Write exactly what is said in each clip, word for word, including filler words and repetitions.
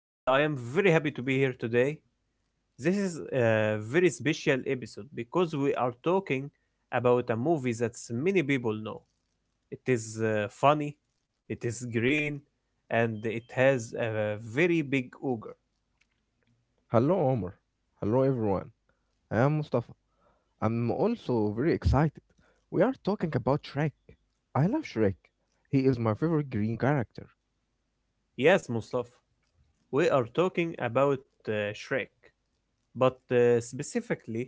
and I am very happy to be here today. This is a very special episode because we are talking about a movie that many people know. It is uh, funny, it is green, and it has a very big ogre. Hello, Omar. Hello, everyone. I am Mustafa. I'm also very excited. We are talking about Shrek. I love Shrek. He is my favorite green character. Yes, Mustafa, we are talking about uh, Shrek, but uh, specifically,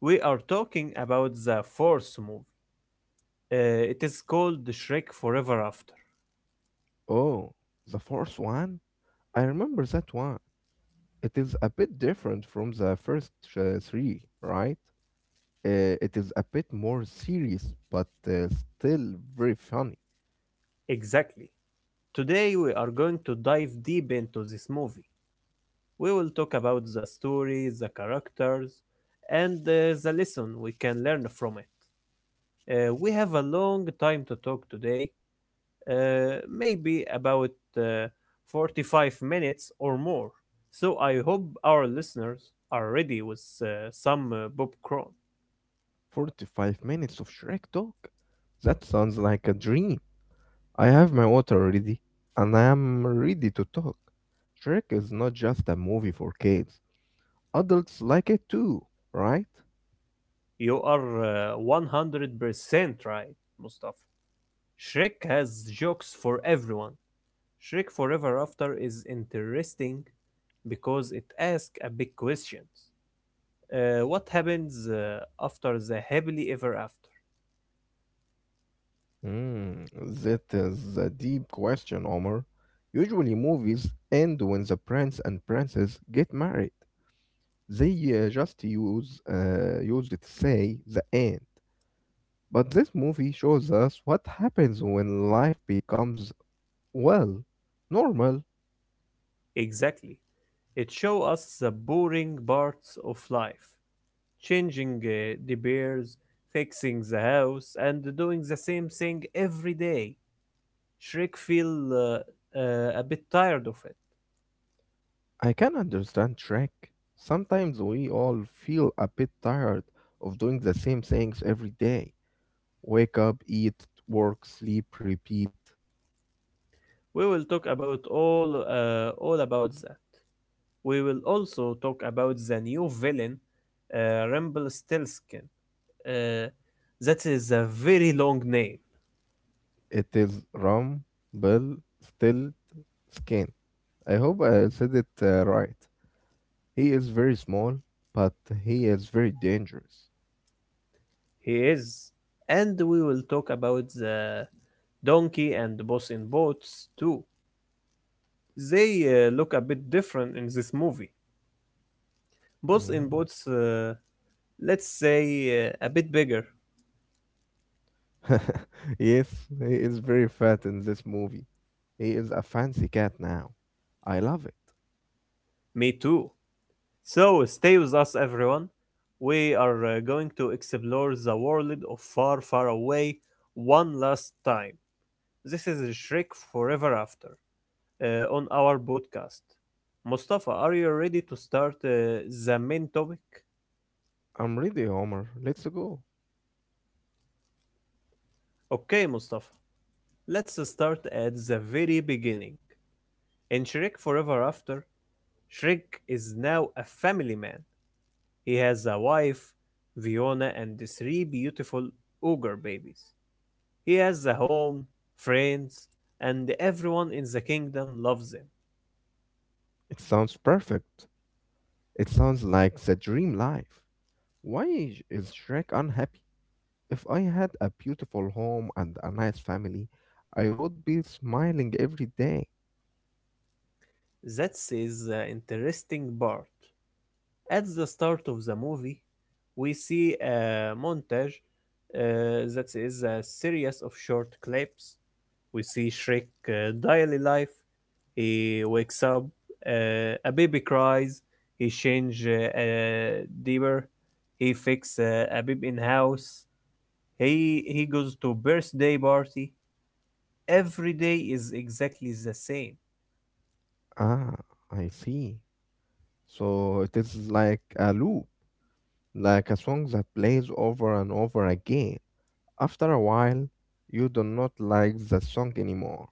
we are talking about the fourth movie. Uh, it is called Shrek Forever After. Oh, the fourth one? I remember that one. It is a bit different from the first uh, three, right? Uh, it is a bit more serious, but uh, still very funny. Exactly. Today we are going to dive deep into this movie. We will talk about the story, the characters, and uh, the lesson we can learn from it. Uh, we have a long time to talk today, uh, maybe about uh, forty-five minutes or more. So I hope our listeners are ready with uh, some uh, popcorn. forty-five minutes of Shrek talk? That sounds like a dream. I have my water ready and I am ready to talk. Shrek is not just a movie for kids. Adults like it too, right? You are uh, one hundred percent right, Mustafa. Shrek has jokes for everyone. Shrek Forever After is interesting because it asks a big question. Uh, what happens uh, after the happily ever after? Mm, that is a deep question, Omar. Usually movies end when the prince and princess get married. They uh, just use uh, use it to say the end. But this movie shows us what happens when life becomes, well, normal. Exactly. It shows us the boring parts of life, changing uh, the bears, fixing the house, and doing the same thing every day. Shrek feel uh, uh, a bit tired of it. I can understand Shrek. Sometimes we all feel a bit tired of doing the same things every day. Wake up, eat, work, sleep, repeat. We will talk about all uh, all about that. We will also talk about the new villain, uh, Rumpelstiltskin. Uh, that is a very long name. It is rum, bill, still, skin. I hope I said it uh, right. He is very small, but he is very dangerous. He is. And we will talk about the donkey and boss in boats too. They uh, look a bit different in this movie. Boss Mm. in boats, uh, let's say, uh, a bit bigger. Yes, he is very fat in this movie. He is a fancy cat now. I love it. Me too. So stay with us, everyone. We are uh, going to explore the world of Far Far Away one last time. This is Shrek Forever After uh, on our podcast. Mustafa, are you ready to start uh, the main topic? I'm ready, Homer. Let's go. Okay, Mustafa, let's start at the very beginning. In Shrek Forever After, Shrek is now a family man. He has a wife, Fiona, and three beautiful ogre babies. He has a home, friends, and everyone in the kingdom loves him. It sounds perfect. It sounds like the dream life. Why is is Shrek unhappy? If I had a beautiful home and a nice family, I would be smiling every day. That is the interesting part. At the start of the movie, we see a montage, uh, that is a series of short clips. We see Shrek uh, daily life. He wakes up, uh, a baby cries, he change uh, a diaper, he fix uh, a baby in house. He he goes to birthday party. Every day is exactly the same. Ah, I see. So it is like a loop, like a song that plays over and over again. After a while, you do not like the song anymore.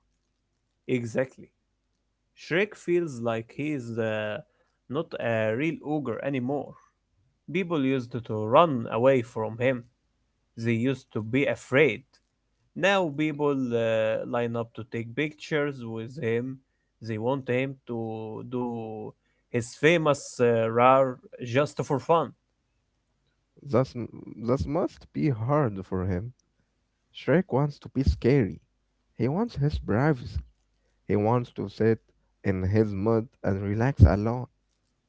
Exactly. Shrek feels like he's uh, not a real ogre anymore. People used to run away from him, they used to be afraid. Now people uh, line up to take pictures with him. They want him to do his famous uh, roar just for fun. That's, that must be hard for him. Shrek wants to be scary. He wants his privacy. He wants to sit in his mud and relax alone.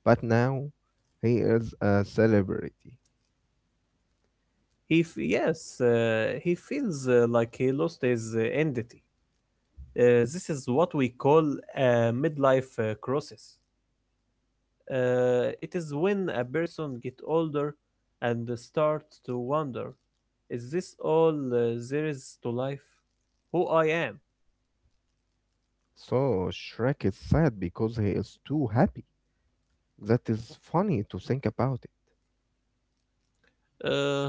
But now he is a celebrity. He f- yes, uh, he feels uh, like he lost his uh, identity. Uh, this is what we call a midlife uh, crisis. Uh, it is when a person get older and start to wonder, is this all uh, there is to life? Who I am? So Shrek is sad because he is too happy. That is funny to think about it. Uh, uh,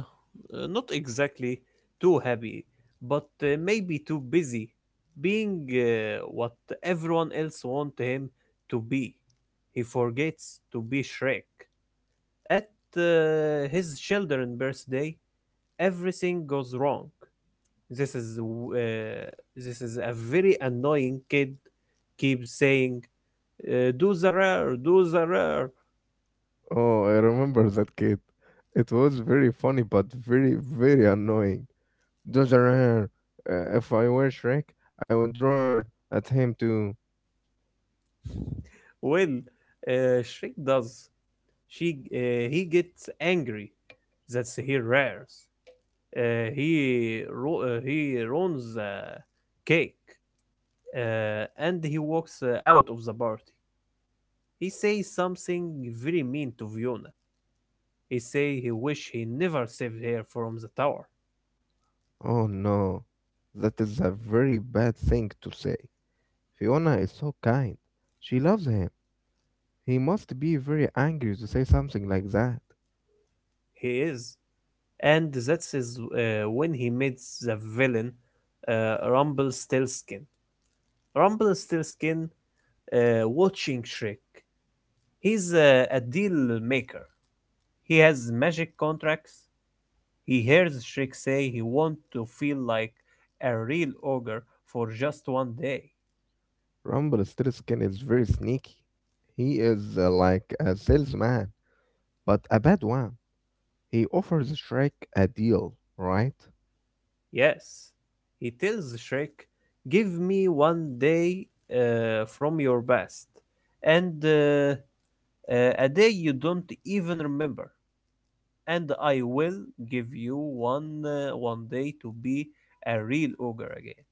not exactly too happy, but uh, maybe too busy being uh, what everyone else want him to be. He forgets to be Shrek. At uh, his children's birthday, everything goes wrong. This is uh, this is a very annoying kid. Keeps saying, uh, "Do the rare, do the rare." Oh, I remember that kid. It was very funny but very, very annoying. Those are her. Uh, if I were Shrek, I would roar at him too. Well, uh, Shrek does. She uh, He gets angry. That's he rares. Uh, he ru- uh, he runs the cake, uh, and he walks uh, out of the party. He says something very mean to Viona. He say he wish he never saved her from the tower. Oh no, that is a very bad thing to say. Fiona is so kind. She loves him. He must be very angry to say something like that. He is. And that's is uh, when he meets the villain, uh, Rumpelstiltskin. Rumpelstiltskin uh, watching Shrek. He's a, a deal maker. He has magic contracts. He hears Shrek say he wants to feel like a real ogre for just one day. Rumpelstiltskin is very sneaky. He is uh, like a salesman, but a bad one. He offers Shrek a deal, right? Yes, he tells Shrek, "Give me one day uh, from your past, and uh, uh, a day you don't even remember." And I will give you one uh, one day to be a real ogre again.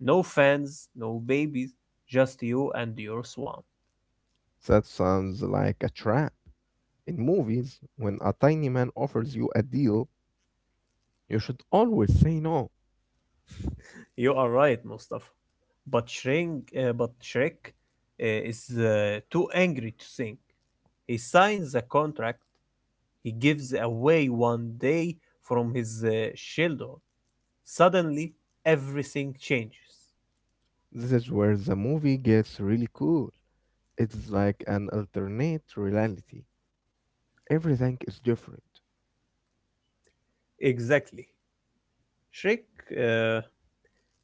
No fans, no babies, just you and your swamp. That sounds like a trap. In movies, when a tiny man offers you a deal, you should always say no. You are right, Mustafa. But Shrek, uh, but Shrek uh, is uh, too angry to think. He signs a contract. He gives away one day from his uh, shoulder. Suddenly, everything changes. This is where the movie gets really cool. It's like an alternate reality. Everything is different. Exactly. Shrek, uh, uh,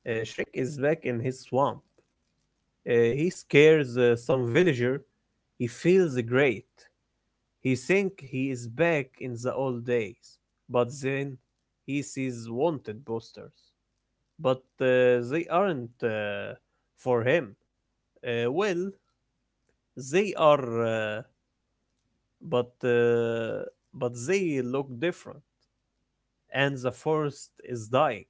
Shrek is back in his swamp. Uh, he scares uh, some villager. He feels great. He think he is back in the old days. But then he sees wanted posters. But uh, they aren't uh, for him. Uh, well, they are, uh, but uh, but they look different. And the forest is dying.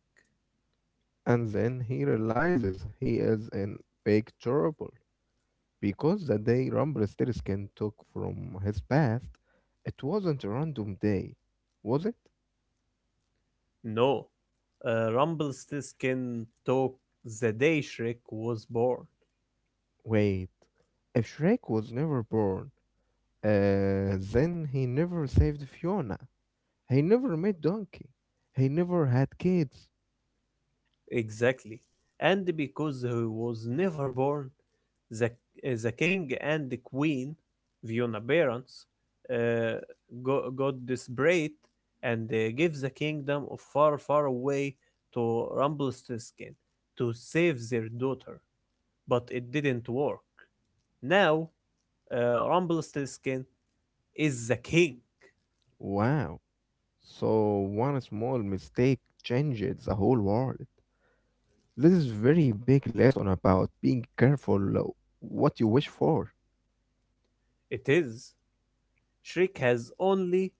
And then he realizes he is in big trouble because the day Rumpelstiltskin took from his past, it wasn't a random day, was it? No, uh, Rumble still the day Shrek was born. Wait, if Shrek was never born, uh, then he never saved Fiona. He never met Donkey. He never had kids. Exactly. And because he was never born, the, uh, the king and the queen, Fiona parents, uh, go, got desperate and uh, gave the kingdom of far, far away to Rumpelstiltskin to save their daughter. But it didn't work. Now, uh, Rumpelstiltskin is the king. Wow. So one small mistake changes the whole world. This is very big lesson about being careful uh, what you wish for. It is. Shriek has only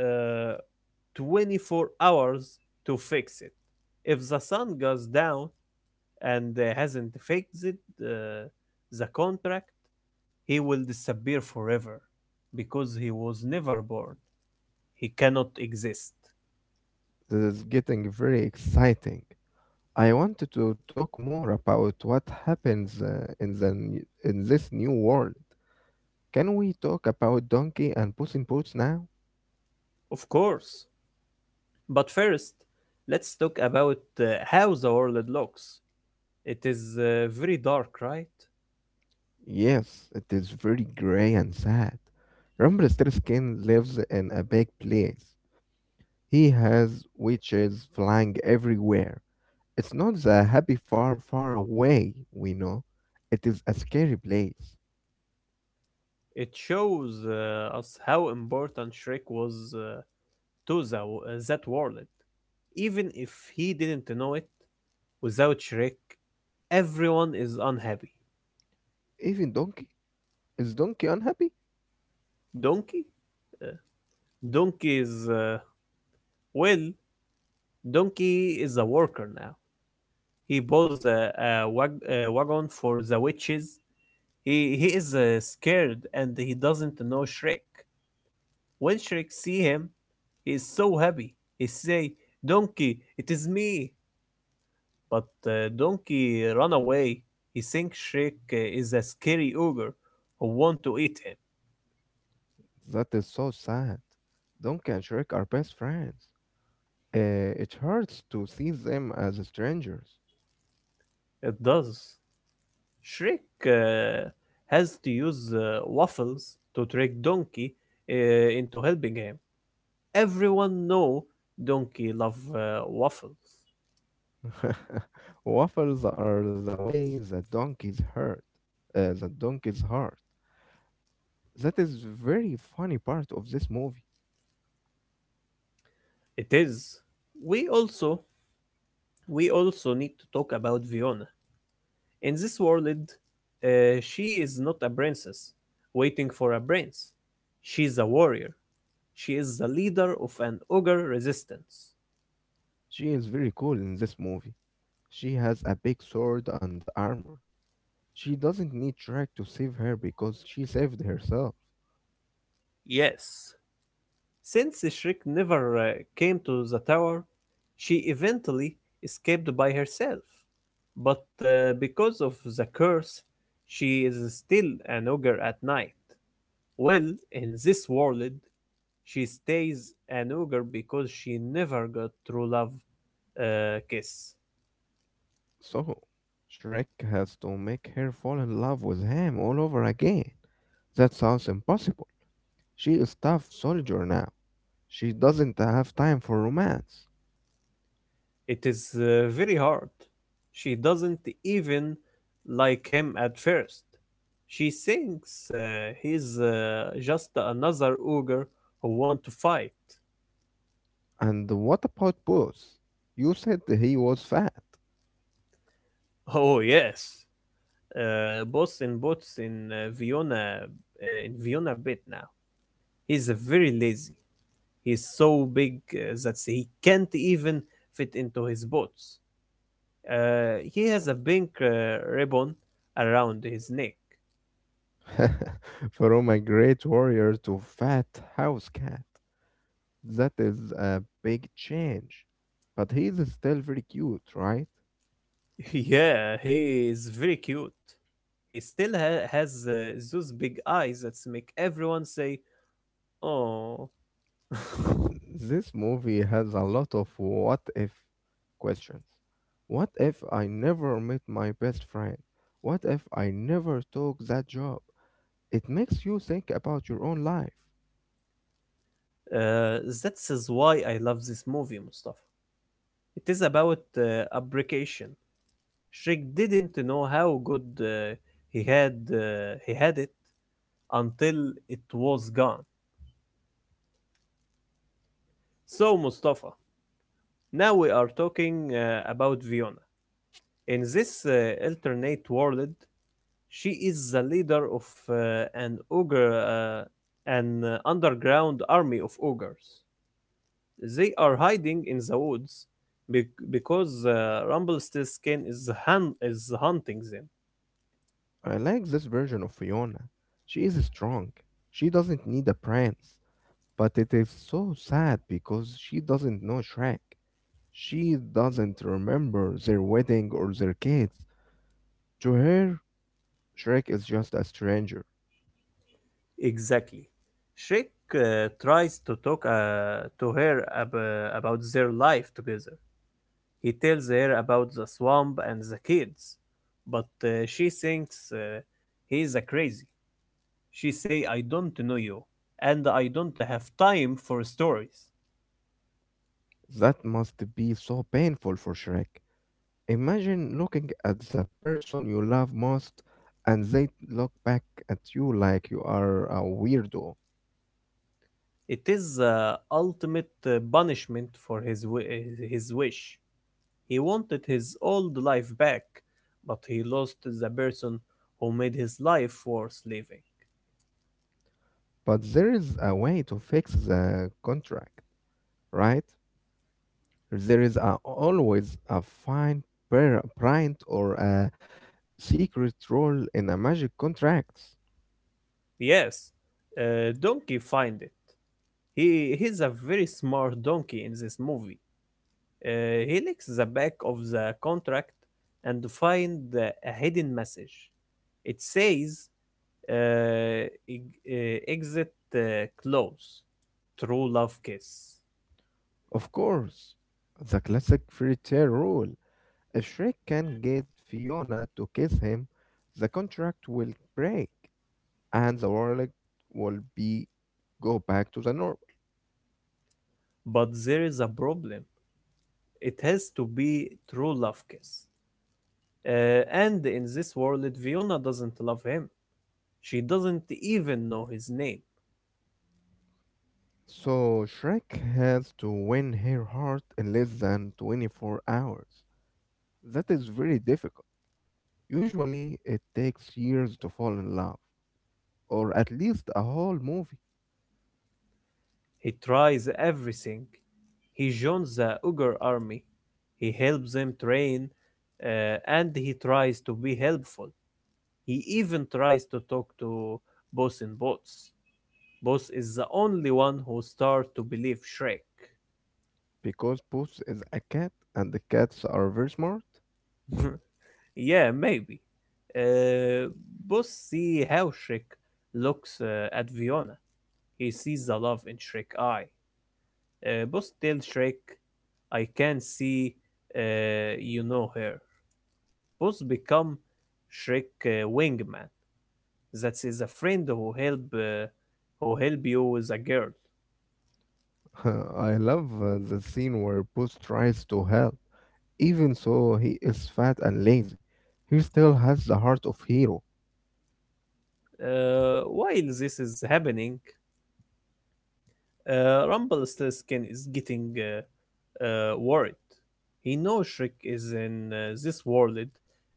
uh, twenty-four hours to fix it. If the sun goes down and uh, hasn't fixed it, uh, the contract, he will disappear forever because he was never born. He cannot exist. This is getting very exciting. I wanted to talk more about what happens uh, in the n- in this new world. Can we talk about Donkey and Puss in Boots now? Of course. But first, let's talk about uh, how the world looks. It is uh, very dark, right? Yes, it is very gray and sad. Rumpelstiltskin lives in a big place. He has witches flying everywhere. It's not the happy far, far away we know. It is a scary place. It shows uh, us how important Shrek was uh, to, the, uh, that world. Even if he didn't know it, without Shrek, everyone is unhappy. Even Donkey, is Donkey unhappy? Donkey? Uh, Donkey is, uh, well, Donkey is a worker now. He pulls a, a, wag- a wagon for the witches. He, he is uh, scared and he doesn't know Shrek. When Shrek see him, he is so happy. He say, Donkey, it is me. But uh, Donkey run away. He thinks Shrek uh, is a scary ogre who want to eat him. That is so sad. Donkey and Shrek are best friends. Uh, it hurts to see them as strangers. It does. Shrek uh, has to use uh, waffles to trick Donkey uh, into helping him. Everyone know Donkey love uh, waffles. Waffles are the way the donkeys hurt. Uh, the donkey's heart. That is very funny part of this movie. It is. We also we also need to talk about Fiona. In this world, uh, she is not a princess waiting for a prince. She is a warrior. She is the leader of an ogre resistance. She is very cool in this movie. She has a big sword and armor. She doesn't need Shrek to save her because she saved herself. Yes, since Shriek never uh, came to the tower, she eventually escaped by herself. But uh, because of the curse, she is still an ogre at night. Well, in this world, she stays an ogre because she never got true love uh, kiss. So, Shrek has to make her fall in love with him all over again. That sounds impossible. She is tough soldier now. She doesn't have time for romance. It is uh, very hard. She doesn't even like him at first. She thinks uh, he's uh, just another ogre who want to fight. And what about Booth? You said he was fat. Oh yes, uh, boss in bots in uh, Vienna, uh, in Vienna bit now. He's uh, very lazy. He's so big uh, that he can't even fit into his boots. Uh, he has a pink uh, ribbon around his neck. From a great warrior to fat house cat. That is a big change. But he is still very cute, right? Yeah, he is very cute. He still ha- has uh, those big eyes that make everyone say, "Oh." uh, This movie has a lot of what if questions. What if I never met my best friend? What if I never took that job? It makes you think about your own life. that is why I love this movie, Mustafa. It is about uh, abrecation. Shrek didn't know how good uh, he had uh, he had it until it was gone. So, Mustafa, now we are talking uh, about Viona. In this uh, alternate world, she is the leader of uh, an ogre, uh, an uh, underground army of ogres. They are hiding in the woods bec- because uh, Rumpelstiltskin is hun- is hunting them. I like this version of Fiona. She is strong. She doesn't need a prince. But it is so sad because she doesn't know Shrek. She doesn't remember their wedding or their kids. To her, Shrek is just a stranger. Exactly. Shrek uh, tries to talk uh, to her ab- about their life together. He tells her about the swamp and the kids, but uh, she thinks uh, he is a crazy. She say, I don't know you, and I don't have time for stories. That must be so painful for Shrek. Imagine looking at the person you love most and they look back at you like you are a weirdo. It is uh, ultimate uh, punishment for his, wi- his wish. He wanted his old life back, but he lost the person who made his life worth living. But there is a way to fix the contract, right? There is a, always a fine pra- print or a secret rule in a magic contracts. Yes, uh, Donkey find it. He, he's a very smart donkey in this movie. Uh, he licks the back of the contract and find uh, a hidden message. It says uh, eg- uh, exit uh, close, true love kiss. Of course, the classic fairy tale rule. If Shrek can get Fiona to kiss him, the contract will break and the world will be go back to the normal. But there is a problem. It has to be true love kiss. Uh, and in this world, Fiona doesn't love him. She doesn't even know his name. So Shrek has to win her heart in less than twenty-four hours. That is very difficult. Usually, it takes years to fall in love, or at least a whole movie, He tries everything. He joins the Ugar army. He helps them train. uh, and he tries to be helpful. He even tries to talk to boss in boats. Boss is the only one who starts to believe Shrek. because Puss is a cat and the cats are very smart. Yeah, maybe. Uh, Boss see how Shrek looks uh, at Fiona. He sees the love in Shrek's eye. Uh, Boss tells Shrek, "I can see uh, you know her." Boss become Shrek uh, wingman. That is a friend who help uh, who help you with a girl. I love uh, the scene where Puss tries to help. Even so, he is fat and lazy. He still has the heart of hero. Uh, while this is happening, Uh, Rumpelstiltskin is getting uh, uh, worried. He knows Shrek is in uh, this world,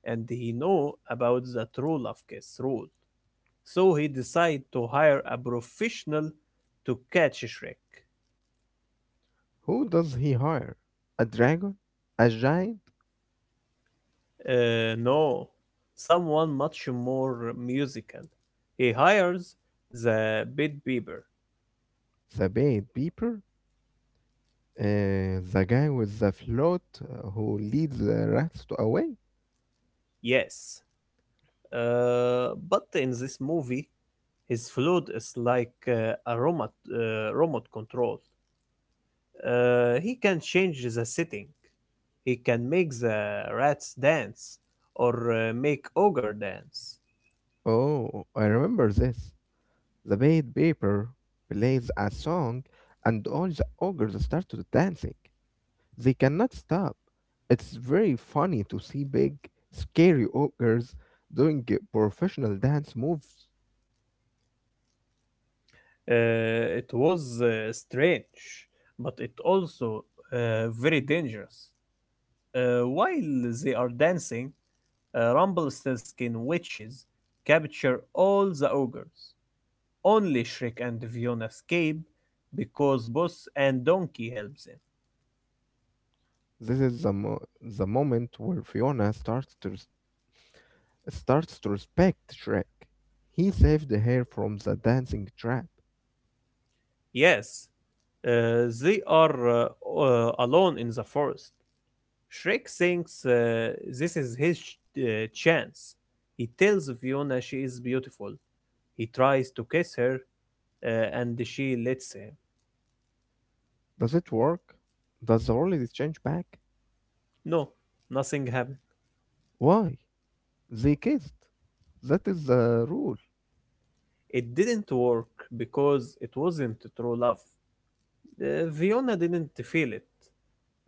and he know about the true love kiss rule. So he decide to hire a professional to catch Shrek. Who does he hire? A dragon? A giant? Uh, no, someone much more musical. He hires the Bit Bieber. The bait beeper? Uh, the guy with the float uh, who leads the rats to away. Yes, uh, but in this movie, his flute is like uh, a remote, uh, remote control. Uh, he can change the setting. He can make the rats dance or uh, make ogre dance. Oh, I remember this. The bait paper plays a song, and all the ogres started dancing. They cannot stop. It's very funny to see big, scary ogres doing uh, professional dance moves. Uh, it was uh, strange, but it also uh, very dangerous. Uh, while they are dancing, uh, Rumpelstiltskin witches capture all the ogres. Only Shrek and Fiona escape because Boss and Donkey help them. This is the, mo- the moment where Fiona starts to res- starts to respect Shrek. He saved her from the dancing trap. Yes, uh, they are uh, uh, alone in the forest. Shrek thinks uh, this is his ch- uh, chance. He tells Fiona she is beautiful. He tries to kiss her uh, and she lets him. Does it work? Does the holidays change back? No, nothing happened. Why? They kissed. That is the rule. It didn't work because it wasn't true love. Uh, Fiona didn't feel it.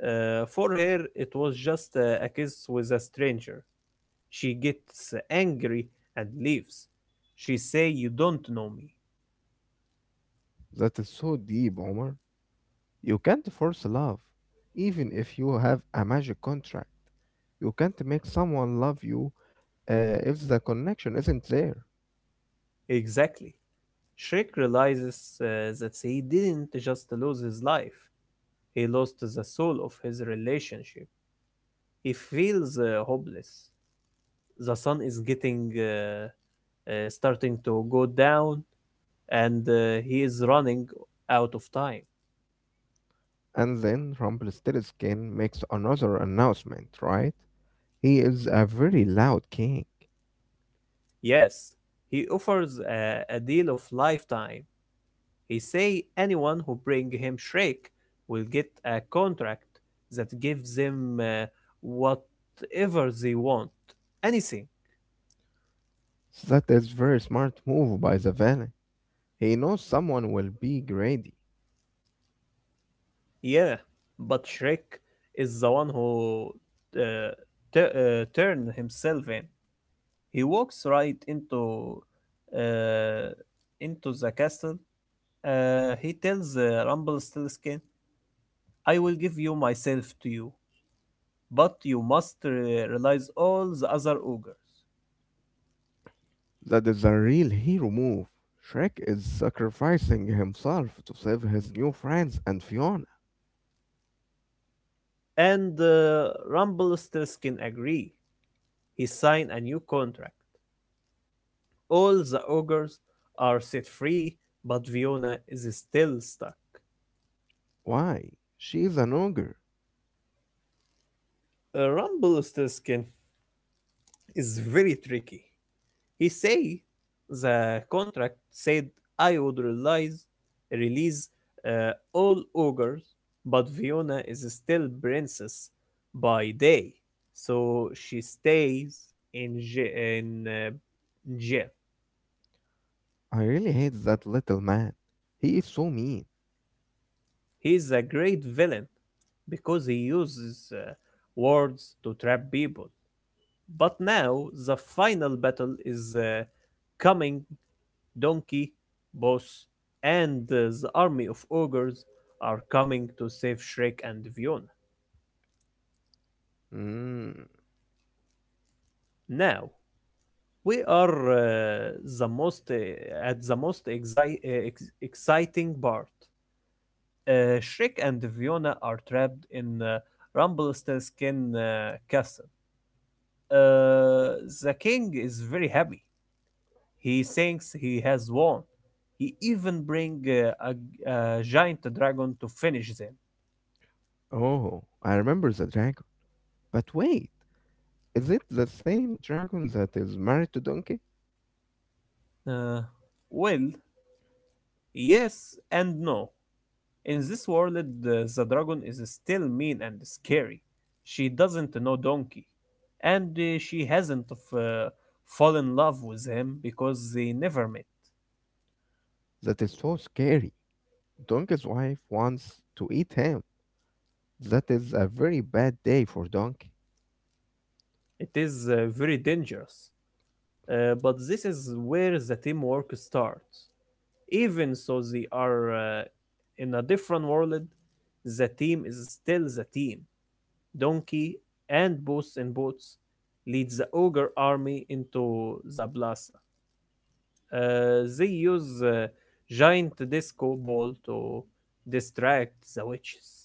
Uh, for her, it was just uh, a kiss with a stranger. She gets angry and leaves. She say, "You don't know me." That is so deep, Omar. You can't force love, even if you have a magic contract. You can't make someone love you uh, if the connection isn't there. Exactly. Shrek realizes uh, that he didn't just lose his life, he lost the soul of his relationship. He feels uh, hopeless. The sun is getting uh, uh, starting to go down and uh, he is running out of time. And then Rumpelstiltskin makes another announcement, right? He is a very loud king. Yes, he offers a, a deal of lifetime. He say anyone who bring him Shrek will get a contract that gives them uh, whatever they want, anything. That is very smart move by the villain. He knows someone will be greedy. Yeah, but Shrek is the one who uh, tu- uh, turned himself in. He walks right into uh, into the castle. Uh, he tells uh, Rumpelstiltskin, "I will give you myself to you, but you must re- realize all the other ogres." That is a real hero move. Shrek is sacrificing himself to save his new friends and Fiona. And uh, Rumpelstiltskin agree. He sign a new contract. All the ogres are set free, but Fiona is still stuck. Why? She's an ogre. Uh, Ron is very tricky. He say the contract said I would release release uh, all ogres, but Fiona is still princess by day, so she stays in ja- in uh, jail. I really hate that little man. He is so mean. He's a great villain because he uses uh, words to trap people. But now the final battle is uh, coming Donkey, Boss, and uh, the army of ogres are coming to save Shrek and Fiona. Mm. Now, we are uh, the most uh, at the most exci- uh, ex- exciting part. Uh, Shrek and Fiona are trapped in uh, Rumpelstiltskin uh, Castle. Uh, the king is very happy. He thinks he has won. He even brings uh, a, a giant dragon to finish them. Oh, I remember the dragon. But wait, is it the same dragon that is married to Donkey? Uh, well, Yes and no. In this world, the, the dragon is still mean and scary. She doesn't know Donkey. And uh, she hasn't f- uh, fallen in love with him because they never met. That is so scary. Donkey's wife wants to eat him. That is a very bad day for Donkey. It is uh, very dangerous. Uh, but this is where the teamwork starts. Even so, they are uh, in a different world, the team is still the team. Donkey and Boots and Boots lead the ogre army into the blast. Uh, they use uh, giant disco ball to distract the witches.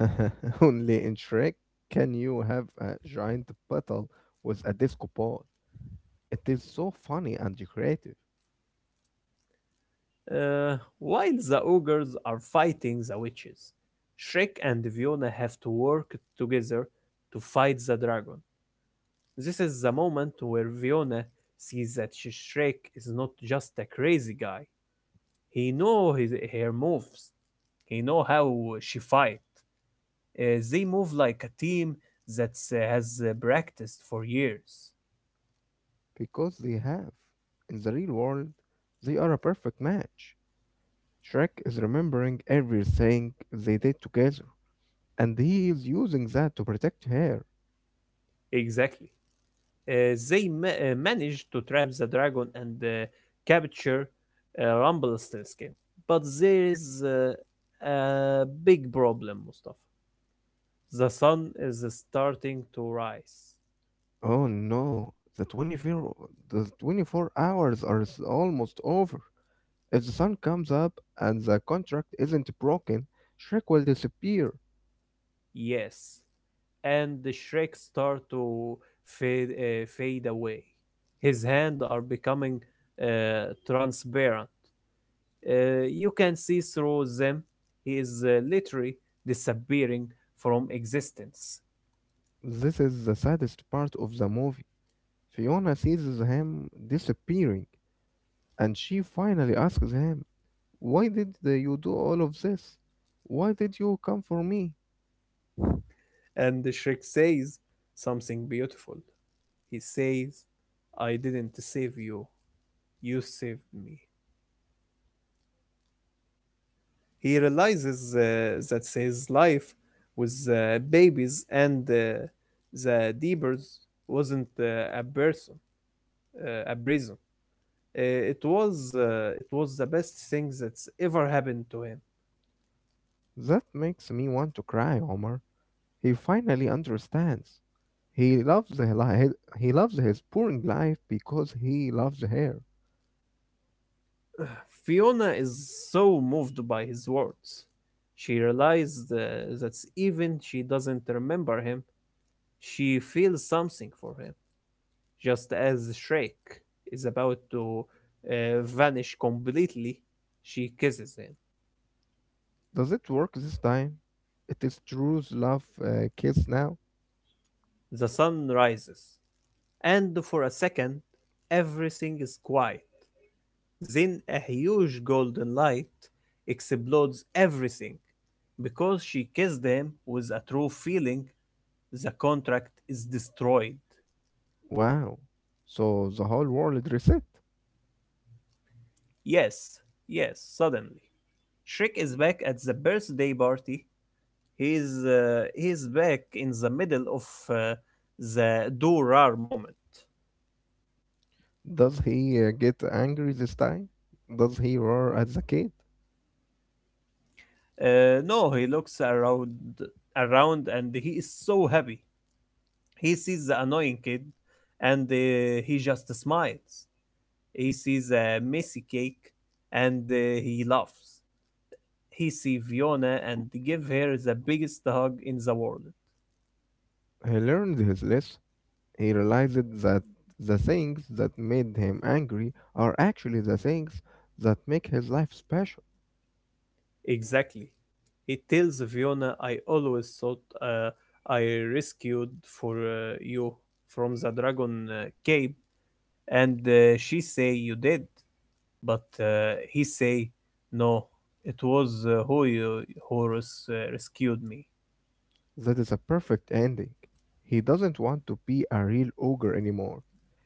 Only in Shrek can you have a giant battle with a disco ball. It is so funny and creative Uh, while the ogres are fighting the witches, Shrek and Fiona have to work together to fight the dragon. This is the moment where Fiona sees that Shrek is not just a crazy guy. He knows his her moves. He knows how she fights. Uh, they move like a team that uh, has uh, practiced for years. because they have, in the real world, they are a perfect match. Shrek is remembering everything they did together, and he is using that to protect her. Exactly. Uh, they ma- uh, manage to trap the dragon and uh, capture uh, Rumpelstiltskin. But there is uh, a big problem, Mustafa. The sun is starting to rise. Oh no, the twenty-four, the twenty-four hours are s- almost over. If the sun comes up and the contract isn't broken, Shrek will disappear. Yes, and the Shrek start to fade uh, fade away. His hands are becoming uh, transparent. Uh, you can see through them. He is uh, literally disappearing from existence. This is the saddest part of the movie. Fiona sees him disappearing, and she finally asks him, why did the- you do all of this? Why did you come for me? And Shrek says something beautiful. He says, I didn't save you, you saved me. He realizes uh, that his life with uh, babies and uh, the Deepers wasn't uh, a person, uh, a prison. Uh, it was uh, it was the best thing that's ever happened to him. That makes me want to cry, Omar. He finally understands. He loves the li- he loves his boring life because he loves her. Fiona is so moved by his words. She realized uh, that even she doesn't remember him, she feels something for him, just as Shrek is about to uh, vanish completely. She kisses him. Does it work this time? It is Drew's love uh, kiss now. The sun rises, and for a second, everything is quiet. Then a huge golden light explodes everything. Because she kissed him with a true feeling, the contract is destroyed. Wow. So the whole world reset. Yes, yes, suddenly. Shrek is back at the birthday party. He's uh, he's back in the middle of uh, the Durar moment. Does he uh, get angry this time? Does he roar at the kid? Uh, no, he looks around around and he is so happy. He sees the annoying kid and uh, he just smiles. He sees a messy cake and uh, he laughs. He sees Fiona and give her the biggest hug in the world. He learned his lesson. He realized that the things that made him angry are actually the things that make his life special. Exactly. He tells Fiona, I always thought uh, I rescued for uh, you from the dragon uh, cave. And uh, she say you did. But uh, he say, no, it was uh, who you, Horus uh, rescued me. That is a perfect ending. He doesn't want to be a real ogre anymore.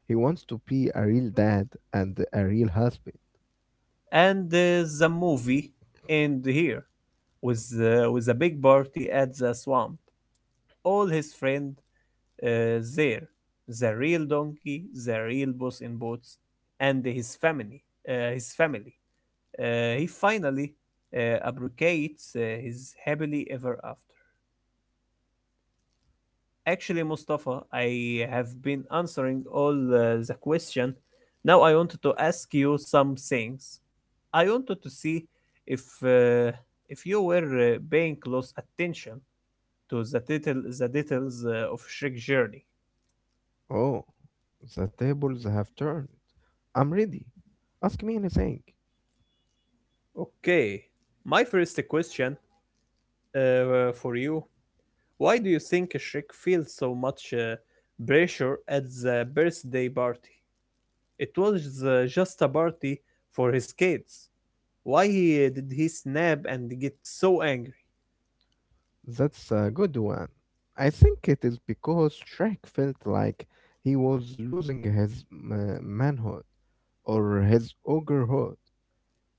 He wants to be a real dad and a real husband. And uh, the movie end here with, uh, with a big party at the swamp. All his friend uh, there. The real donkey, the real boss in boots, and his family. Uh, his family. Uh, he finally uh, abrogates uh, his happily ever after. Actually, Mustafa, I have been answering all uh, the question. Now I wanted to ask you some things. I wanted to see if uh, if you were uh, paying close attention to the detail, the details uh, of Shrek journey. Oh, the tables have turned. I'm ready. Ask me anything. Okay, my first question uh, for you. Why do you think Shrek feels so much uh, pressure at the birthday party? It was uh, just a party for his kids. Why uh, did he snap and get so angry? That's a good one. I think it is because Shrek felt like he was losing his ma- manhood or his ogrehood.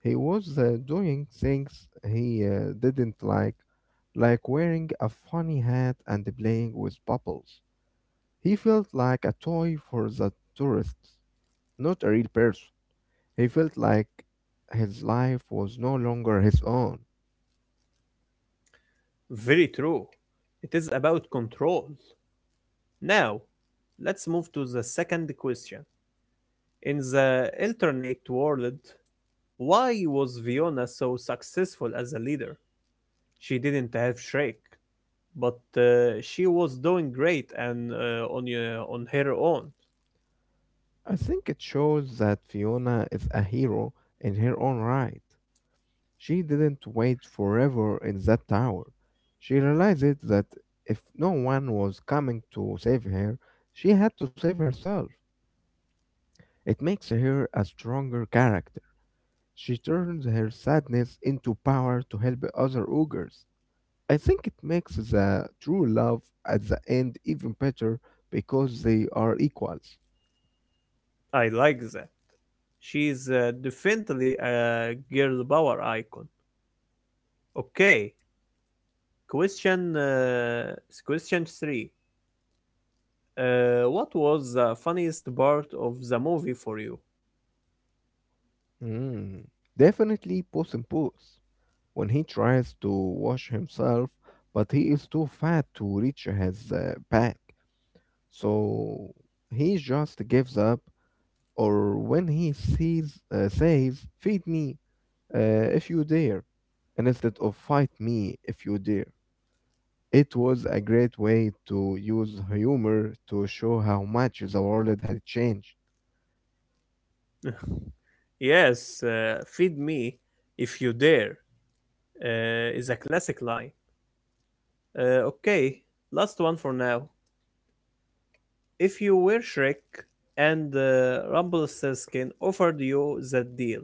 He was uh, doing things he uh, didn't like, like wearing a funny hat and playing with bubbles. He felt like a toy for the tourists, not a real person. He felt like his life was no longer his own. Very true. It is about control. Now, let's move to the second question. In the alternate world, why was Fiona so successful as a leader? She didn't have Shrek, but uh, she was doing great and uh, on uh, on her own. I think it shows that Fiona is a hero in her own right. She didn't wait forever in that tower. She realized that if no one was coming to save her, she had to save herself. It makes her a stronger character. She turns her sadness into power to help other ogres. I think it makes the true love at the end even better because they are equals. I like that. She's uh, definitely a girl power icon. Okay, question uh, question three. Uh, what was the funniest part of the movie for you? Hmm. Definitely Puss in Boots. When he tries to wash himself, but he is too fat to reach his uh, back, so he just gives up. Or when he sees, uh, says, "Feed me," uh, if you dare, and instead of fight me if you dare. It was a great way to use humor to show how much the world had changed. Yes, uh, feed me if you dare uh, is a classic line. Uh, okay, last one for now. If you were Shrek and uh, Rumpelstiltskin offered you that deal,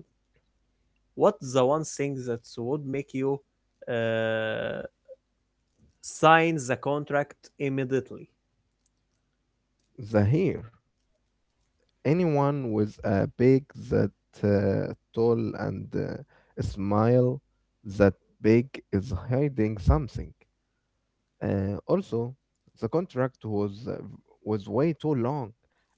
what's the one thing that would make you uh, sign the contract immediately? Zahir, anyone with a beak that uh, tall and uh, a smile that big is hiding something. Uh, also, the contract was uh, v- was way too long.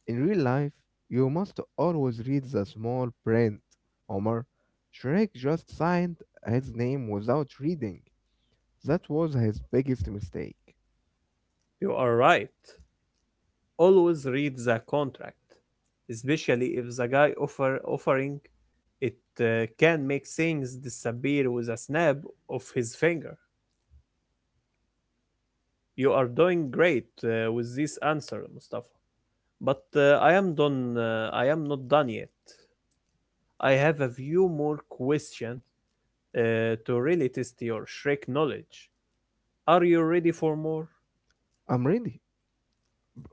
In real life, you must always read the small print. Omar, Shrek just signed his name without reading. That was his biggest mistake. You are right. Always read the contract, especially if the guy offer offering it uh, can make things disappear with a snap of his finger. You are doing great uh, with this answer, Mustafa. But uh, I am done. Uh, I am not done yet. I have a few more questions uh, to really test your Shrek knowledge. Are you ready for more? I'm ready.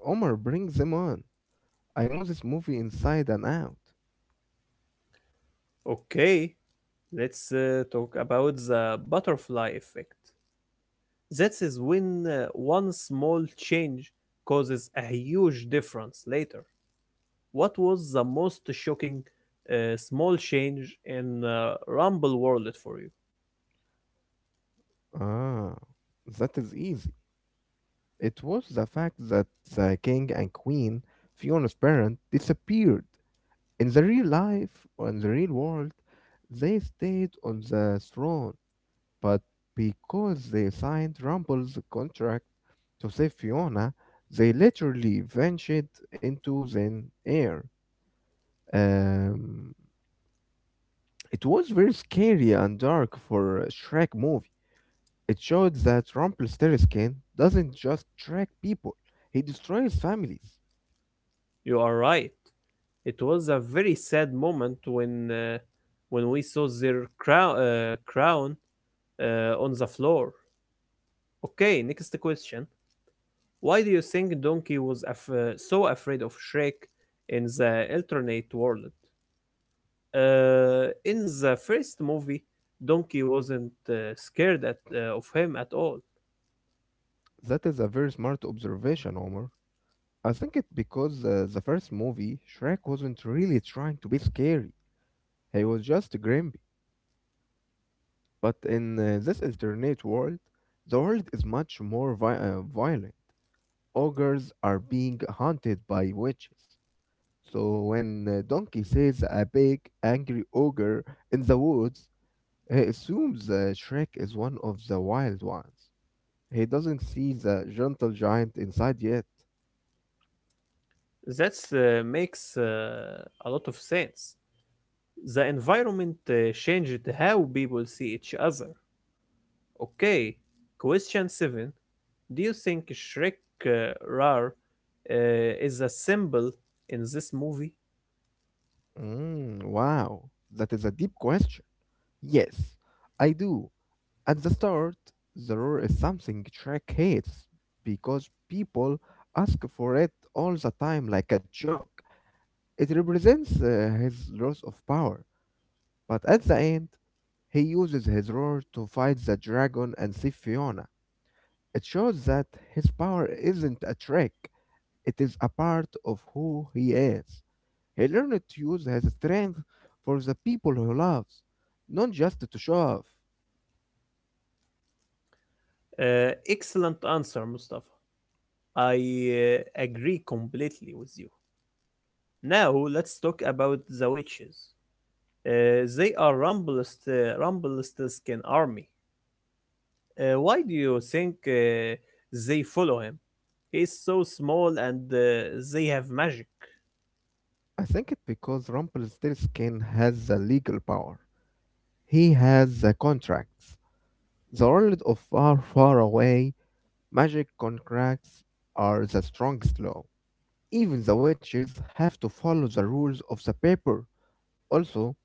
Omar, bring them on. I know this movie inside and out. Okay, let's uh, talk about the butterfly effect. That is when uh, one small change causes a huge difference later. What was the most shocking uh, small change in uh, Rumble World for you? Ah, that is easy. It was the fact that the king and queen, Fiona's parent, disappeared. In the real life or in the real world, they stayed on the throne, but because they signed Rumble's contract to save Fiona, they literally ventured into thin air. Um, it was very scary and dark for a Shrek movie. It showed that Rumpelstiltskin doesn't just track people, he destroys families. You are right. It was a very sad moment when uh, when we saw their crown, uh, crown uh, on the floor. Okay, next question. Why do you think Donkey was af- uh, so afraid of Shrek in the alternate world? Uh, in the first movie, Donkey wasn't uh, scared at, uh, of him at all. That is a very smart observation, Omar. I think it because uh, the first movie, Shrek wasn't really trying to be scary. He was just grumpy. But in uh, this alternate world, the world is much more vi- uh, violent. Ogres are being hunted by witches. So when uh, Donkey sees a big, angry ogre in the woods, he assumes uh, Shrek is one of the wild ones. He doesn't see the gentle giant inside yet. That uh, makes uh, a lot of sense. The environment uh, changed how people see each other. Okay, question seven. Do you think Shrek uh, Rar uh, is a symbol in this movie? Mm, wow, that is a deep question. Yes, I do. At the start, the roar is something Shrek hates because people ask for it all the time like a joke. It represents uh, his loss of power, but at the end, he uses his roar to fight the dragon and see Fiona. It shows that his power isn't a trick, it is a part of who he is. He learned to use his strength for the people he loves, not just to show off. Uh, excellent answer, Mustafa. I uh, agree completely with you. Now let's talk about the witches. Uh, they are Rumble's uh, Rumpelstiltskin army. Uh, why do you think uh, they follow him? He's so small and uh, they have magic. I think it's because Rumpelstiltskin has the legal power. He has the contracts. The world of far, far away, magic contracts are the strongest law. Even the witches have to follow the rules of the paper. Also,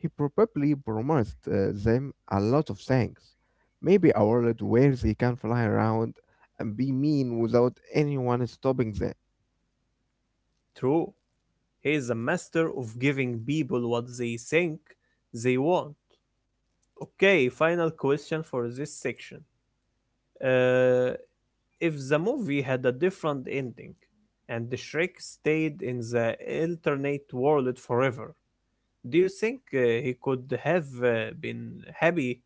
he probably promised uh, them a lot of things. Maybe a world where they can fly around and be mean without anyone stopping them. True, he is a master of giving people what they think they want. Okay, final question for this section. Uh, if the movie had a different ending and Shrek stayed in the alternate world forever, do you think uh, he could have uh, been happy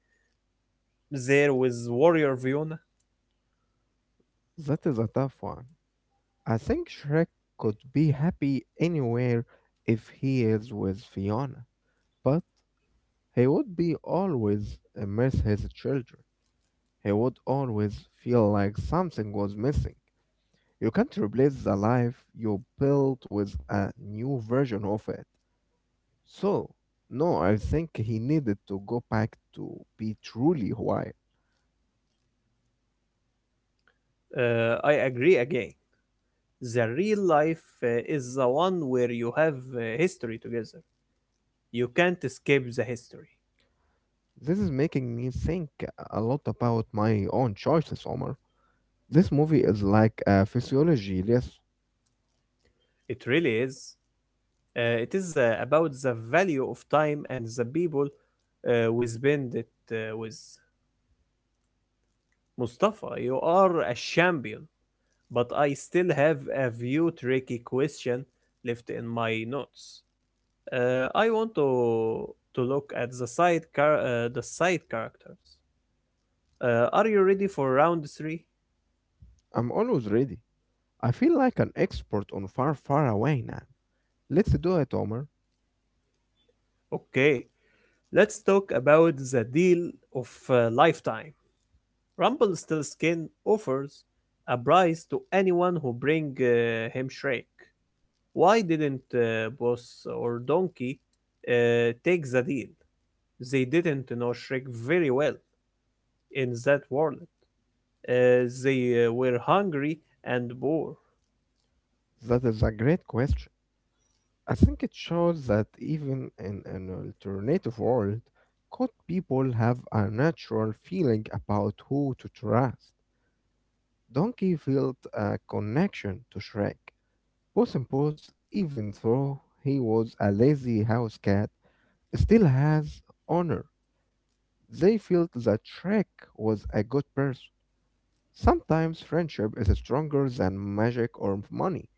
there with Warrior Fiona? That is a tough one. I think Shrek could be happy anywhere if he is with Fiona, but he would be always uh, miss his children. He would always feel like something was missing. You can't replace the life you built with a new version of it. So, no, I think he needed to go back to be truly Hawaii. Uh, I agree again. The real life uh, is the one where you have uh, history together. You can't escape the history. This is making me think a lot about my own choices, Omar. This movie is like a physiology lesson. It really is. Uh, it is uh, about the value of time and the people uh, we spend it uh, with. Mustafa, you are a champion, but I still have a few tricky question left in my notes. Uh, I want to to look at the side char- uh, the side characters. Uh, are you ready for round three? I'm always ready. I feel like an expert on far, far away now. Let's do it, Omar. Okay, let's talk about the deal of a lifetime. Rumpelstiltskin offers a prize to anyone who bring uh, him Shrek. Why didn't uh, Boss or Donkey uh, take the deal? They didn't know Shrek very well in that world. Uh, they uh, were hungry and poor. That is a great question. I think it shows that even in an alternative world, could people have a natural feeling about who to trust? Donkey felt a connection to Shrek. Puss in Boots, even though he was a lazy house cat, still has honor. They felt that Shrek was a good person. Sometimes friendship is stronger than magic or money,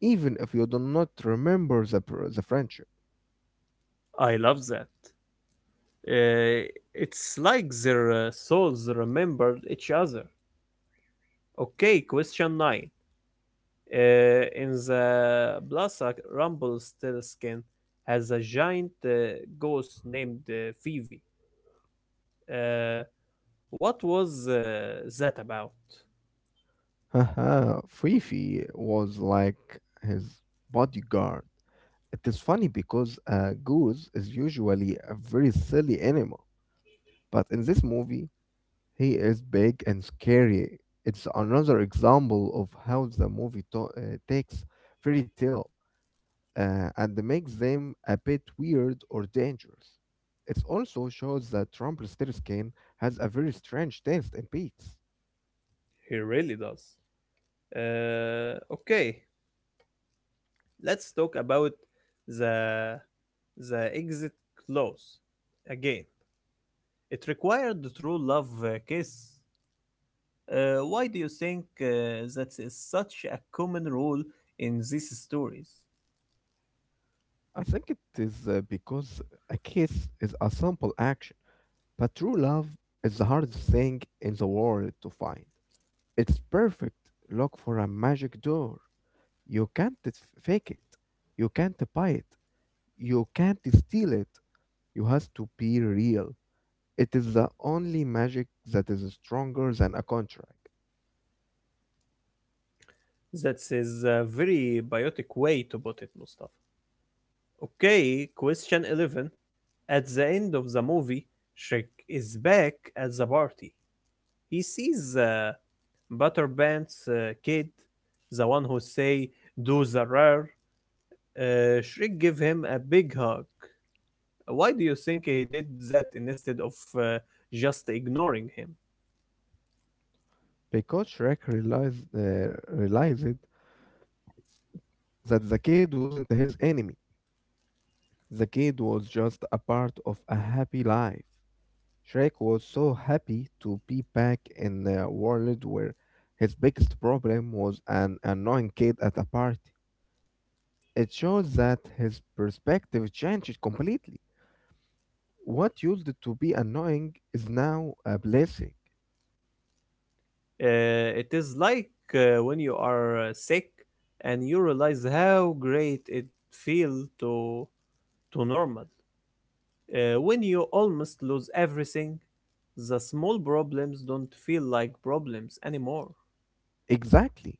even if you do not remember the, pr- the friendship. I love that. Uh, it's like their uh, souls remembered each other. Okay, question nine. Uh, in the plaza, Rumpelstiltskin has a giant uh, ghost named uh, Phoebe. Uh, what was uh, that about? Haha, Fifi was like his bodyguard. It is funny because a goose is usually a very silly animal, but in this movie, he is big and scary. It's another example of how the movie to- uh, takes fairy tale uh, and makes them a bit weird or dangerous. It also shows that Rumpelstiltskin skin has a very strange taste in beats. He really does. Uh, okay, let's talk about the the exit clause again. It required the true love uh, kiss. Uh, why do you think uh, that is such a common rule in these stories? I think it is uh, because a kiss is a simple action, but true love is the hardest thing in the world to find. It's perfect. Look for a magic door. You can't fake it. You can't buy it. You can't steal it. You have to be real. It is the only magic that is stronger than a contract. That is a very biotic way to put it, Mustafa. Okay, question eleven. At the end of the movie, Shrek is back at the party. He sees uh, Butterband's uh, kid, the one who say, do the rare. Uh, Shrek give him a big hug. Why do you think he did that instead of uh, just ignoring him? Because Shrek realized, uh, realized that the kid wasn't his enemy. The kid was just a part of a happy life. Shrek was so happy to be back in a world where his biggest problem was an annoying kid at a party. It shows that his perspective changed completely. What used to be annoying is now a blessing. Uh, it is like uh, when you are uh, sick and you realize how great it feels to to normal. Uh, when you almost lose everything, the small problems don't feel like problems anymore. Exactly.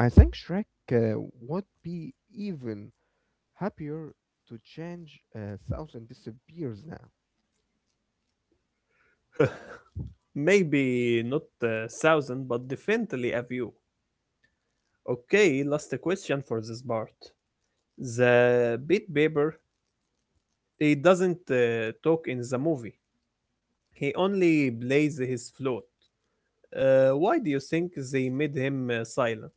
I think Shrek uh, would be even happier to change uh, Thousand disappears now. Maybe not a thousand, but definitely a few. Okay, last question for this part. The beat Bieber, he doesn't uh, talk in the movie. He only plays his flute. Uh, why do you think they made him uh, silent?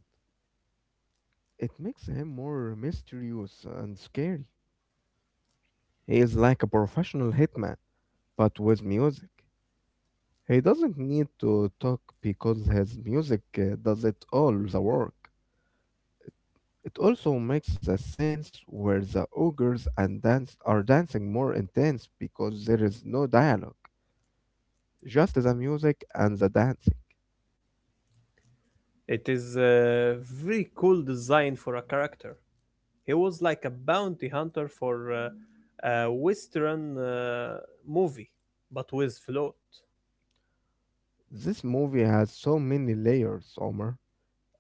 It makes him more mysterious and scary. He is like a professional hitman, but with music. He doesn't need to talk because his music uh, does it all the work. It also makes the scenes where the ogres and dance are dancing more intense because there is no dialogue, just the music and the dancing. It is a very cool design for a character. He was like a bounty hunter for uh, a Western uh, movie, but with float. This movie has so many layers, Omar.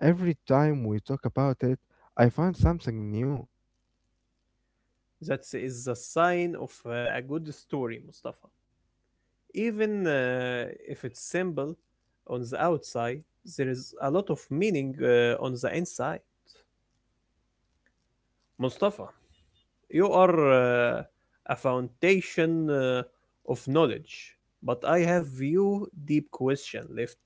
Every time we talk about it, I find something new. That is a sign of uh, a good story, Mustafa. Even uh, if it's simple on the outside, there is a lot of meaning uh, on the inside. Mustafa, you are uh, a foundation uh, of knowledge, but I have few deep question left.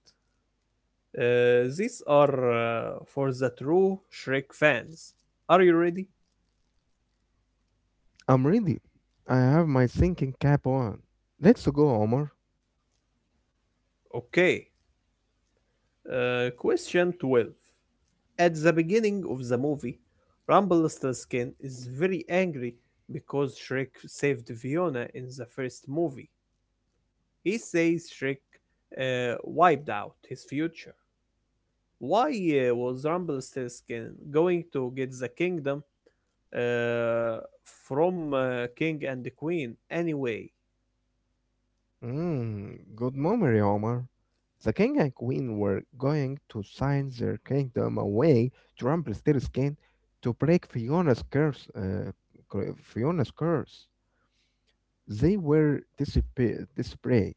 Uh, these are uh, for the true Shrek fans. Are you ready? I'm ready. I have my thinking cap on. Let's go, Omar. Okay. Uh, question twelve. At the beginning of the movie, Rumpelstiltskin is very angry because Shrek saved Fiona in the first movie. He says Shrek uh, wiped out his future. Why uh, was Rumpelstiltskin going to get the kingdom uh, from uh, king and the queen anyway? Mm, good memory, Omar. The king and queen were going to sign their kingdom away to Rumpelstiltskin to break Fiona's curse. Uh, cur- Fiona's curse. They were dispa- desperate,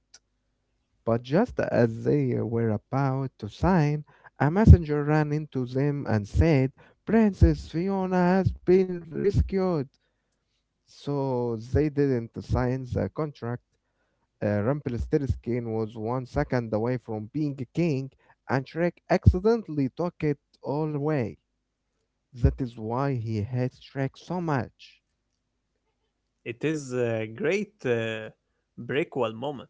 but just as they were about to sign, a messenger ran into them and said, "Princess Fiona has been rescued." So they didn't sign the contract. Uh, Rumpelstiltskin was one second away from being king, and Shrek accidentally took it all away. That is why he hates Shrek so much. It is a great uh, prequel moment.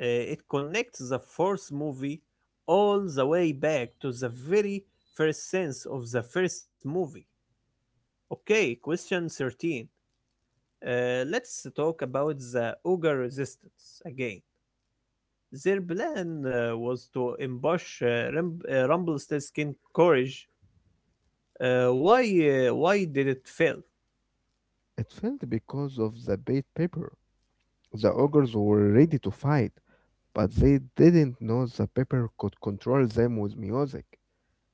Uh, it connects the first movie all the way back to the very first sense of the first movie. Okay, question thirteen. Uh, let's talk about the Uga resistance again. Their plan uh, was to ambush uh, Ram- uh, Rumpelstiltskin's King courage. Uh, why, uh, why did it fail? It failed because of the bait paper. The ogres were ready to fight, but they didn't know the paper could control them with music.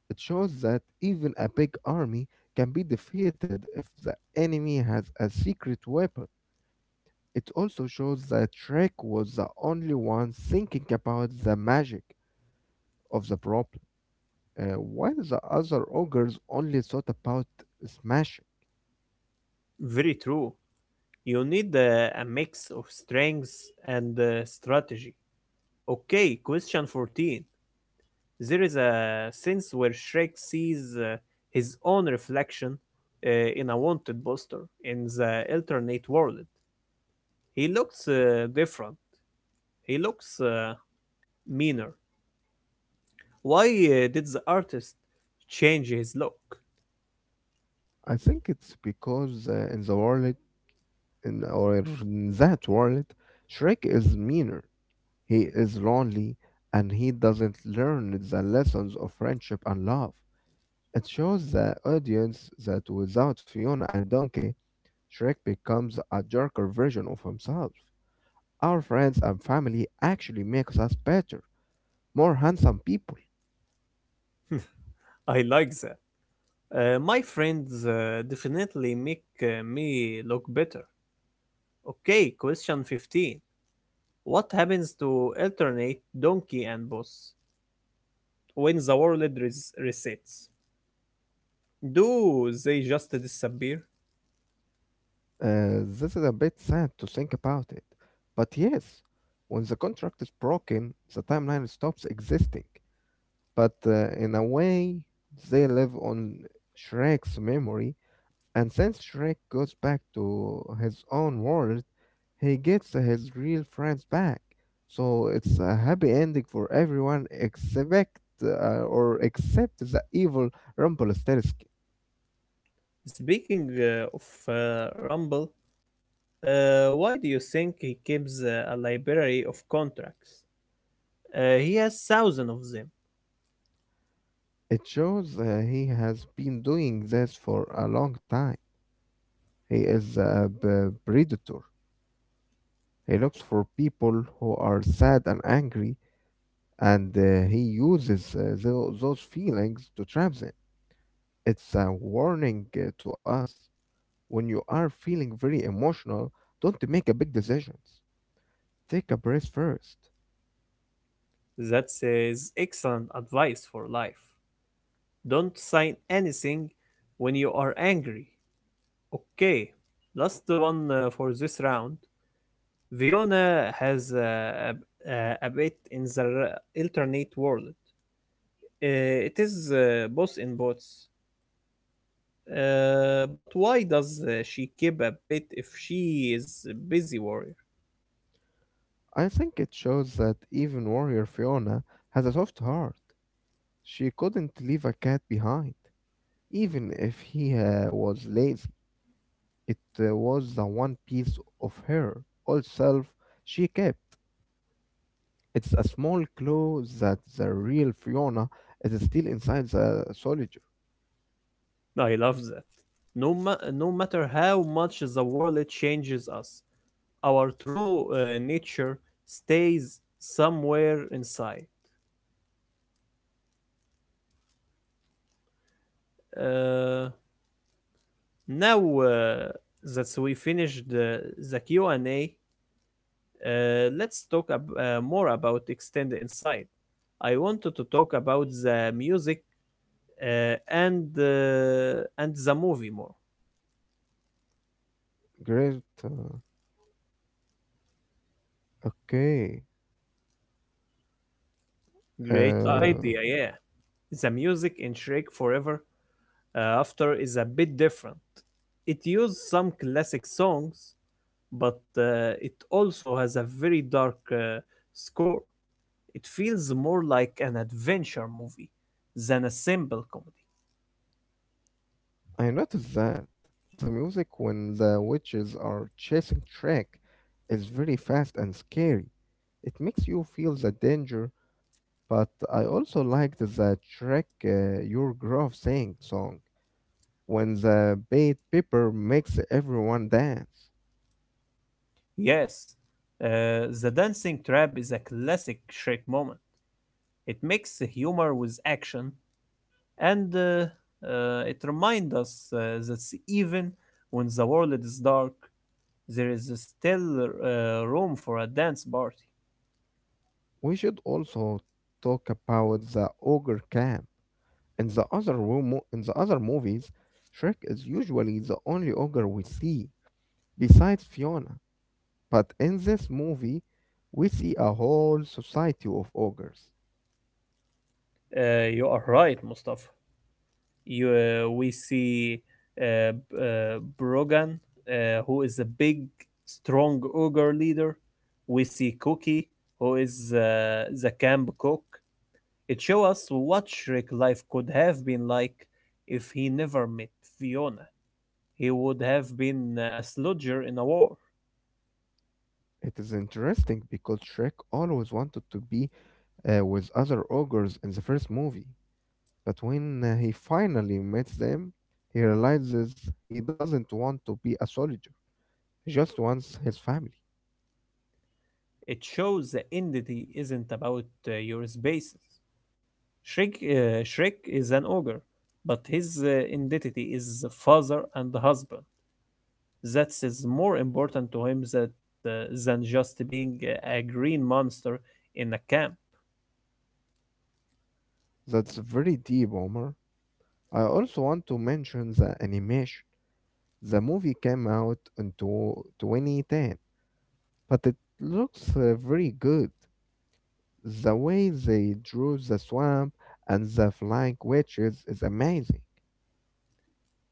It shows that even a big army can be defeated if the enemy has a secret weapon. It also shows that Shrek was the only one thinking about the magic of the problem, uh, while the other ogres only thought about smashing. Very true. You need uh, a mix of strength and uh, strategy. Okay, question fourteen. There is a sense where Shrek sees uh, his own reflection uh, in a wanted poster in the alternate world. He looks uh, different. He looks uh, meaner. Why uh, did the artist change his look? I think it's because uh, in the world, in or in that world, Shrek is meaner. He is lonely, and he doesn't learn the lessons of friendship and love. It shows the audience that without Fiona and Donkey, Shrek becomes a darker version of himself. Our friends and family actually makes us better, more handsome people. I like that. Uh, my friends uh, definitely make uh, me look better. Okay, question fifteen. What happens to alternate donkey and boss when the world res- resets? Do they just disappear? Uh, this is a bit sad to think about it. But yes, when the contract is broken, the timeline stops existing. But uh, in a way, they live on Shrek's memory. And since Shrek goes back to his own world, he gets his real friends back. So it's a happy ending for everyone except uh, or except the evil Rumpelstiltskin. Speaking uh, of uh, Rumble, uh, why do you think he keeps uh, a library of contracts? Uh, he has thousands of them. It shows uh, he has been doing this for a long time. He is a b- predator. He looks for people who are sad and angry, and uh, he uses uh, tho- those feelings to trap them. It's a warning uh, to us. When you are feeling very emotional, don't make a big decisions. Take a breath first. That says excellent advice for life. Don't sign anything when you are angry. Okay, last one uh, for this round. Viona has uh, a, a, a bit in the r- alternate world. Uh, it is uh, both in bots. Uh, but why does uh, she keep a bit if she is a busy warrior? I think it shows that even warrior Fiona has a soft heart. She couldn't leave a cat behind, even if he uh, was lazy. It uh, was the one piece of her old self she kept. It's a small clue that the real Fiona is still inside the soldier. I love that. No, ma- no matter how much the world changes us, our true uh, nature stays somewhere inside. Uh, now uh, that we finished the, the Q and A, uh, let's talk ab- uh, more about Extend Inside. I wanted to talk about the music uh, and uh, and the movie more. Great. uh, Okay. Great Uh, idea, yeah. The music in Shrek Forever uh, After is a bit different. It used some classic songs but uh, it also has a very dark uh, score. It feels more like an adventure movie than a simple comedy. I noticed that the music when the witches are chasing Shrek is very fast and scary. It makes you feel the danger, but I also liked the Shrek uh, Your Grove Saying song when the bait pepper makes everyone dance. Yes, uh, The Dancing Trap is a classic Shrek moment. It makes the humor with action, and uh, uh, it reminds us uh, that even when the world is dark, there is still uh, room for a dance party. We should also talk about the ogre camp. In the other room, in the other movies, Shrek is usually the only ogre we see besides Fiona. But in this movie, we see a whole society of ogres. Uh, you are right, Mustafa. You uh, We see uh, uh, Brogan, uh, who is a big, strong ogre leader. We see Cookie, who is uh, the camp cook. It shows us what Shrek life could have been like if he never met Fiona. He would have been uh, a slodger in a war. It is interesting because Shrek always wanted to be uh, with other ogres in the first movie, but when uh, he finally meets them, he realizes he doesn't want to be a soldier. He just wants his family. It shows that entity isn't about uh, your spaces. Shrek, uh, Shrek is an ogre, but his uh, identity is father and husband. That is more important to him that, uh, than just being a green monster in a camp. That's very deep, Omar. I also want to mention the animation. The movie came out in two twenty ten, but it looks uh, very good. The way they drew the swamp and the flying witches is amazing.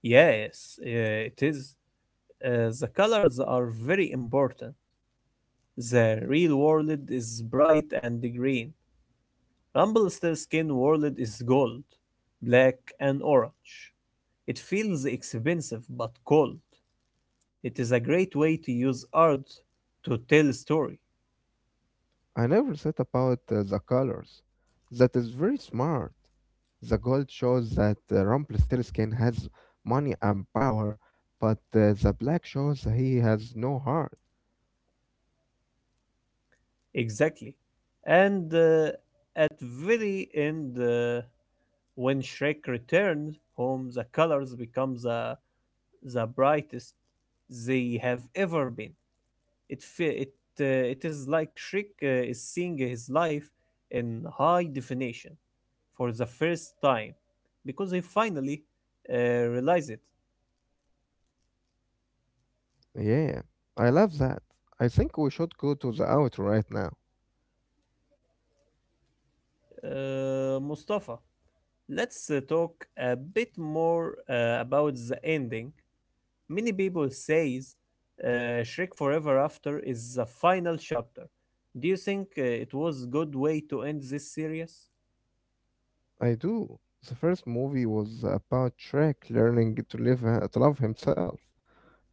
Yes, uh, it is. Uh, the colors are very important. The real world is bright and green. Rumpelstiltskin world is gold, black, and orange. It feels expensive but cold. It is a great way to use art to tell a story. I never thought about uh, the colors. That is very smart. The gold shows that uh, Rumpelstiltskin has money and power, but uh, the black shows he has no heart. Exactly. And uh, at very end, uh, when Shrek returns home, the colors become the, the brightest they have ever been. It fe- it uh, it is like Shrek uh, is seeing his life in high definition for the first time because he finally uh, realized it. Yeah, I love that. I think we should go to the outro right now. Uh, Mustafa, let's uh, talk a bit more uh, about the ending. Many people says uh, Shrek Forever After is the final chapter. Do you think uh, it was good way to end this series? I do. The first movie was about Shrek learning to live uh, to love himself.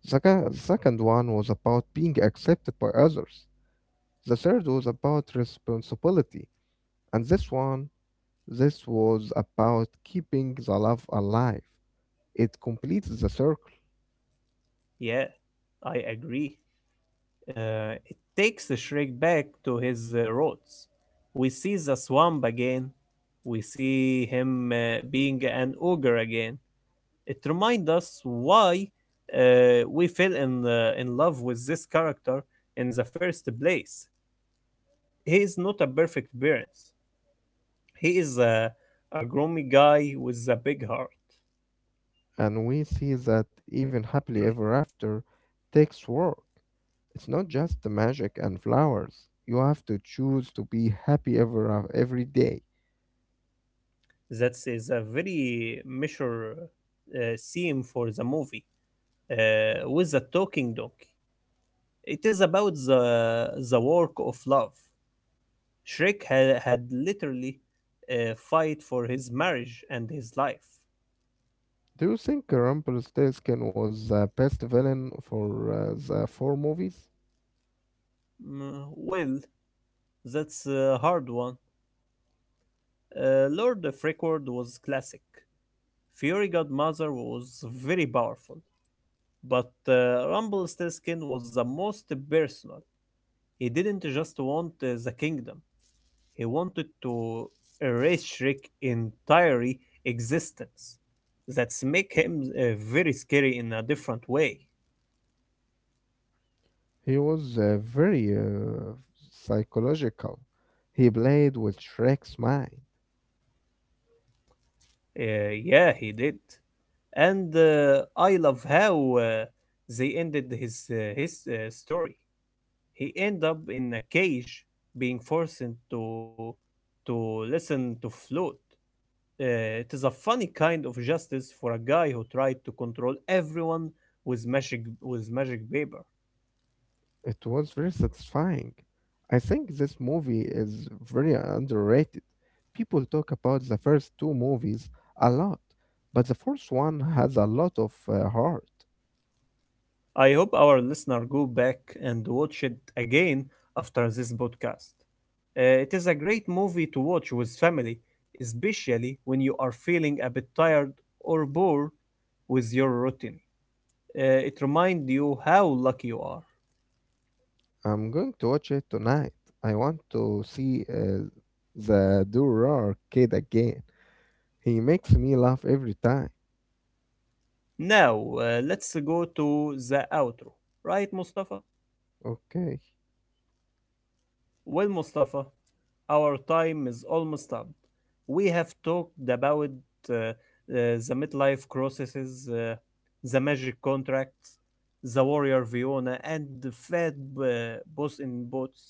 The ca- second one was about being accepted by others. The third was about responsibility. And this one, this was about keeping the love alive. It completes the circle, Yeah, I agree. Uh, it takes the Shrek back to his uh, roots. We see the swamp again. We see him uh, being an ogre again. It reminds us why uh, we fell in uh, in love with this character in the first place. He is not a perfect parent. He is a, a groomy guy with a big heart. and we see that even happily ever after takes work. It's not just the magic and flowers. You have to choose to be happy ever af- every day. That is a very mature uh, theme for the movie uh, with the talking donkey. It is about the the work of love. Shrek ha- had literally uh, fight for his marriage and his life. Do you think Rumpelstiltskin was the best villain for uh, the four movies? Mm, well, that's a hard one. Uh, Lord of Record was classic. Fury Godmother was very powerful. But uh, Rumpelstiltskin was the most personal. He didn't just want uh, the kingdom, he wanted to erase Shrek's entire existence. That's make him uh, very scary in a different way. He was uh, very uh, psychological. He played with Shrek's mind. Uh, yeah, he did. And uh, I love how uh, they ended his, uh, his uh, story. He end up in a cage, being forced to to listen to flute. Uh, it is a funny kind of justice for a guy who tried to control everyone with magic with magic paper. It was very satisfying. I think this movie is very underrated. People talk about the first two movies a lot, but the fourth one has a lot of uh, heart. I hope our listener go back and watch it again after this podcast. Uh, it is a great movie to watch with family, especially when you are feeling a bit tired or bored with your routine. Uh, it reminds you how lucky you are. I'm going to watch it tonight. I want to see uh, the Durar kid again. He makes me laugh every time. Now, uh, let's go to the outro. Right, Mustafa? Okay, Well, Mustafa, our time is almost up. We have talked about uh, uh, the midlife crises, uh, the magic contracts, the warrior Viona, and the fat uh, boss in boats.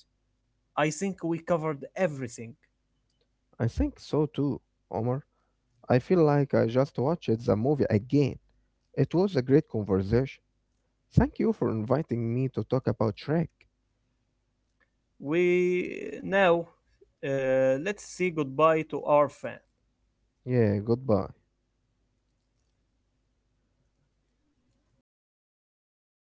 I think we covered everything. I think so too, Omar. I feel like I just watched the movie again. It was a great conversation. Thank you for inviting me to talk about Shrek. We now uh, let's say goodbye to our fans. Yeah, goodbye.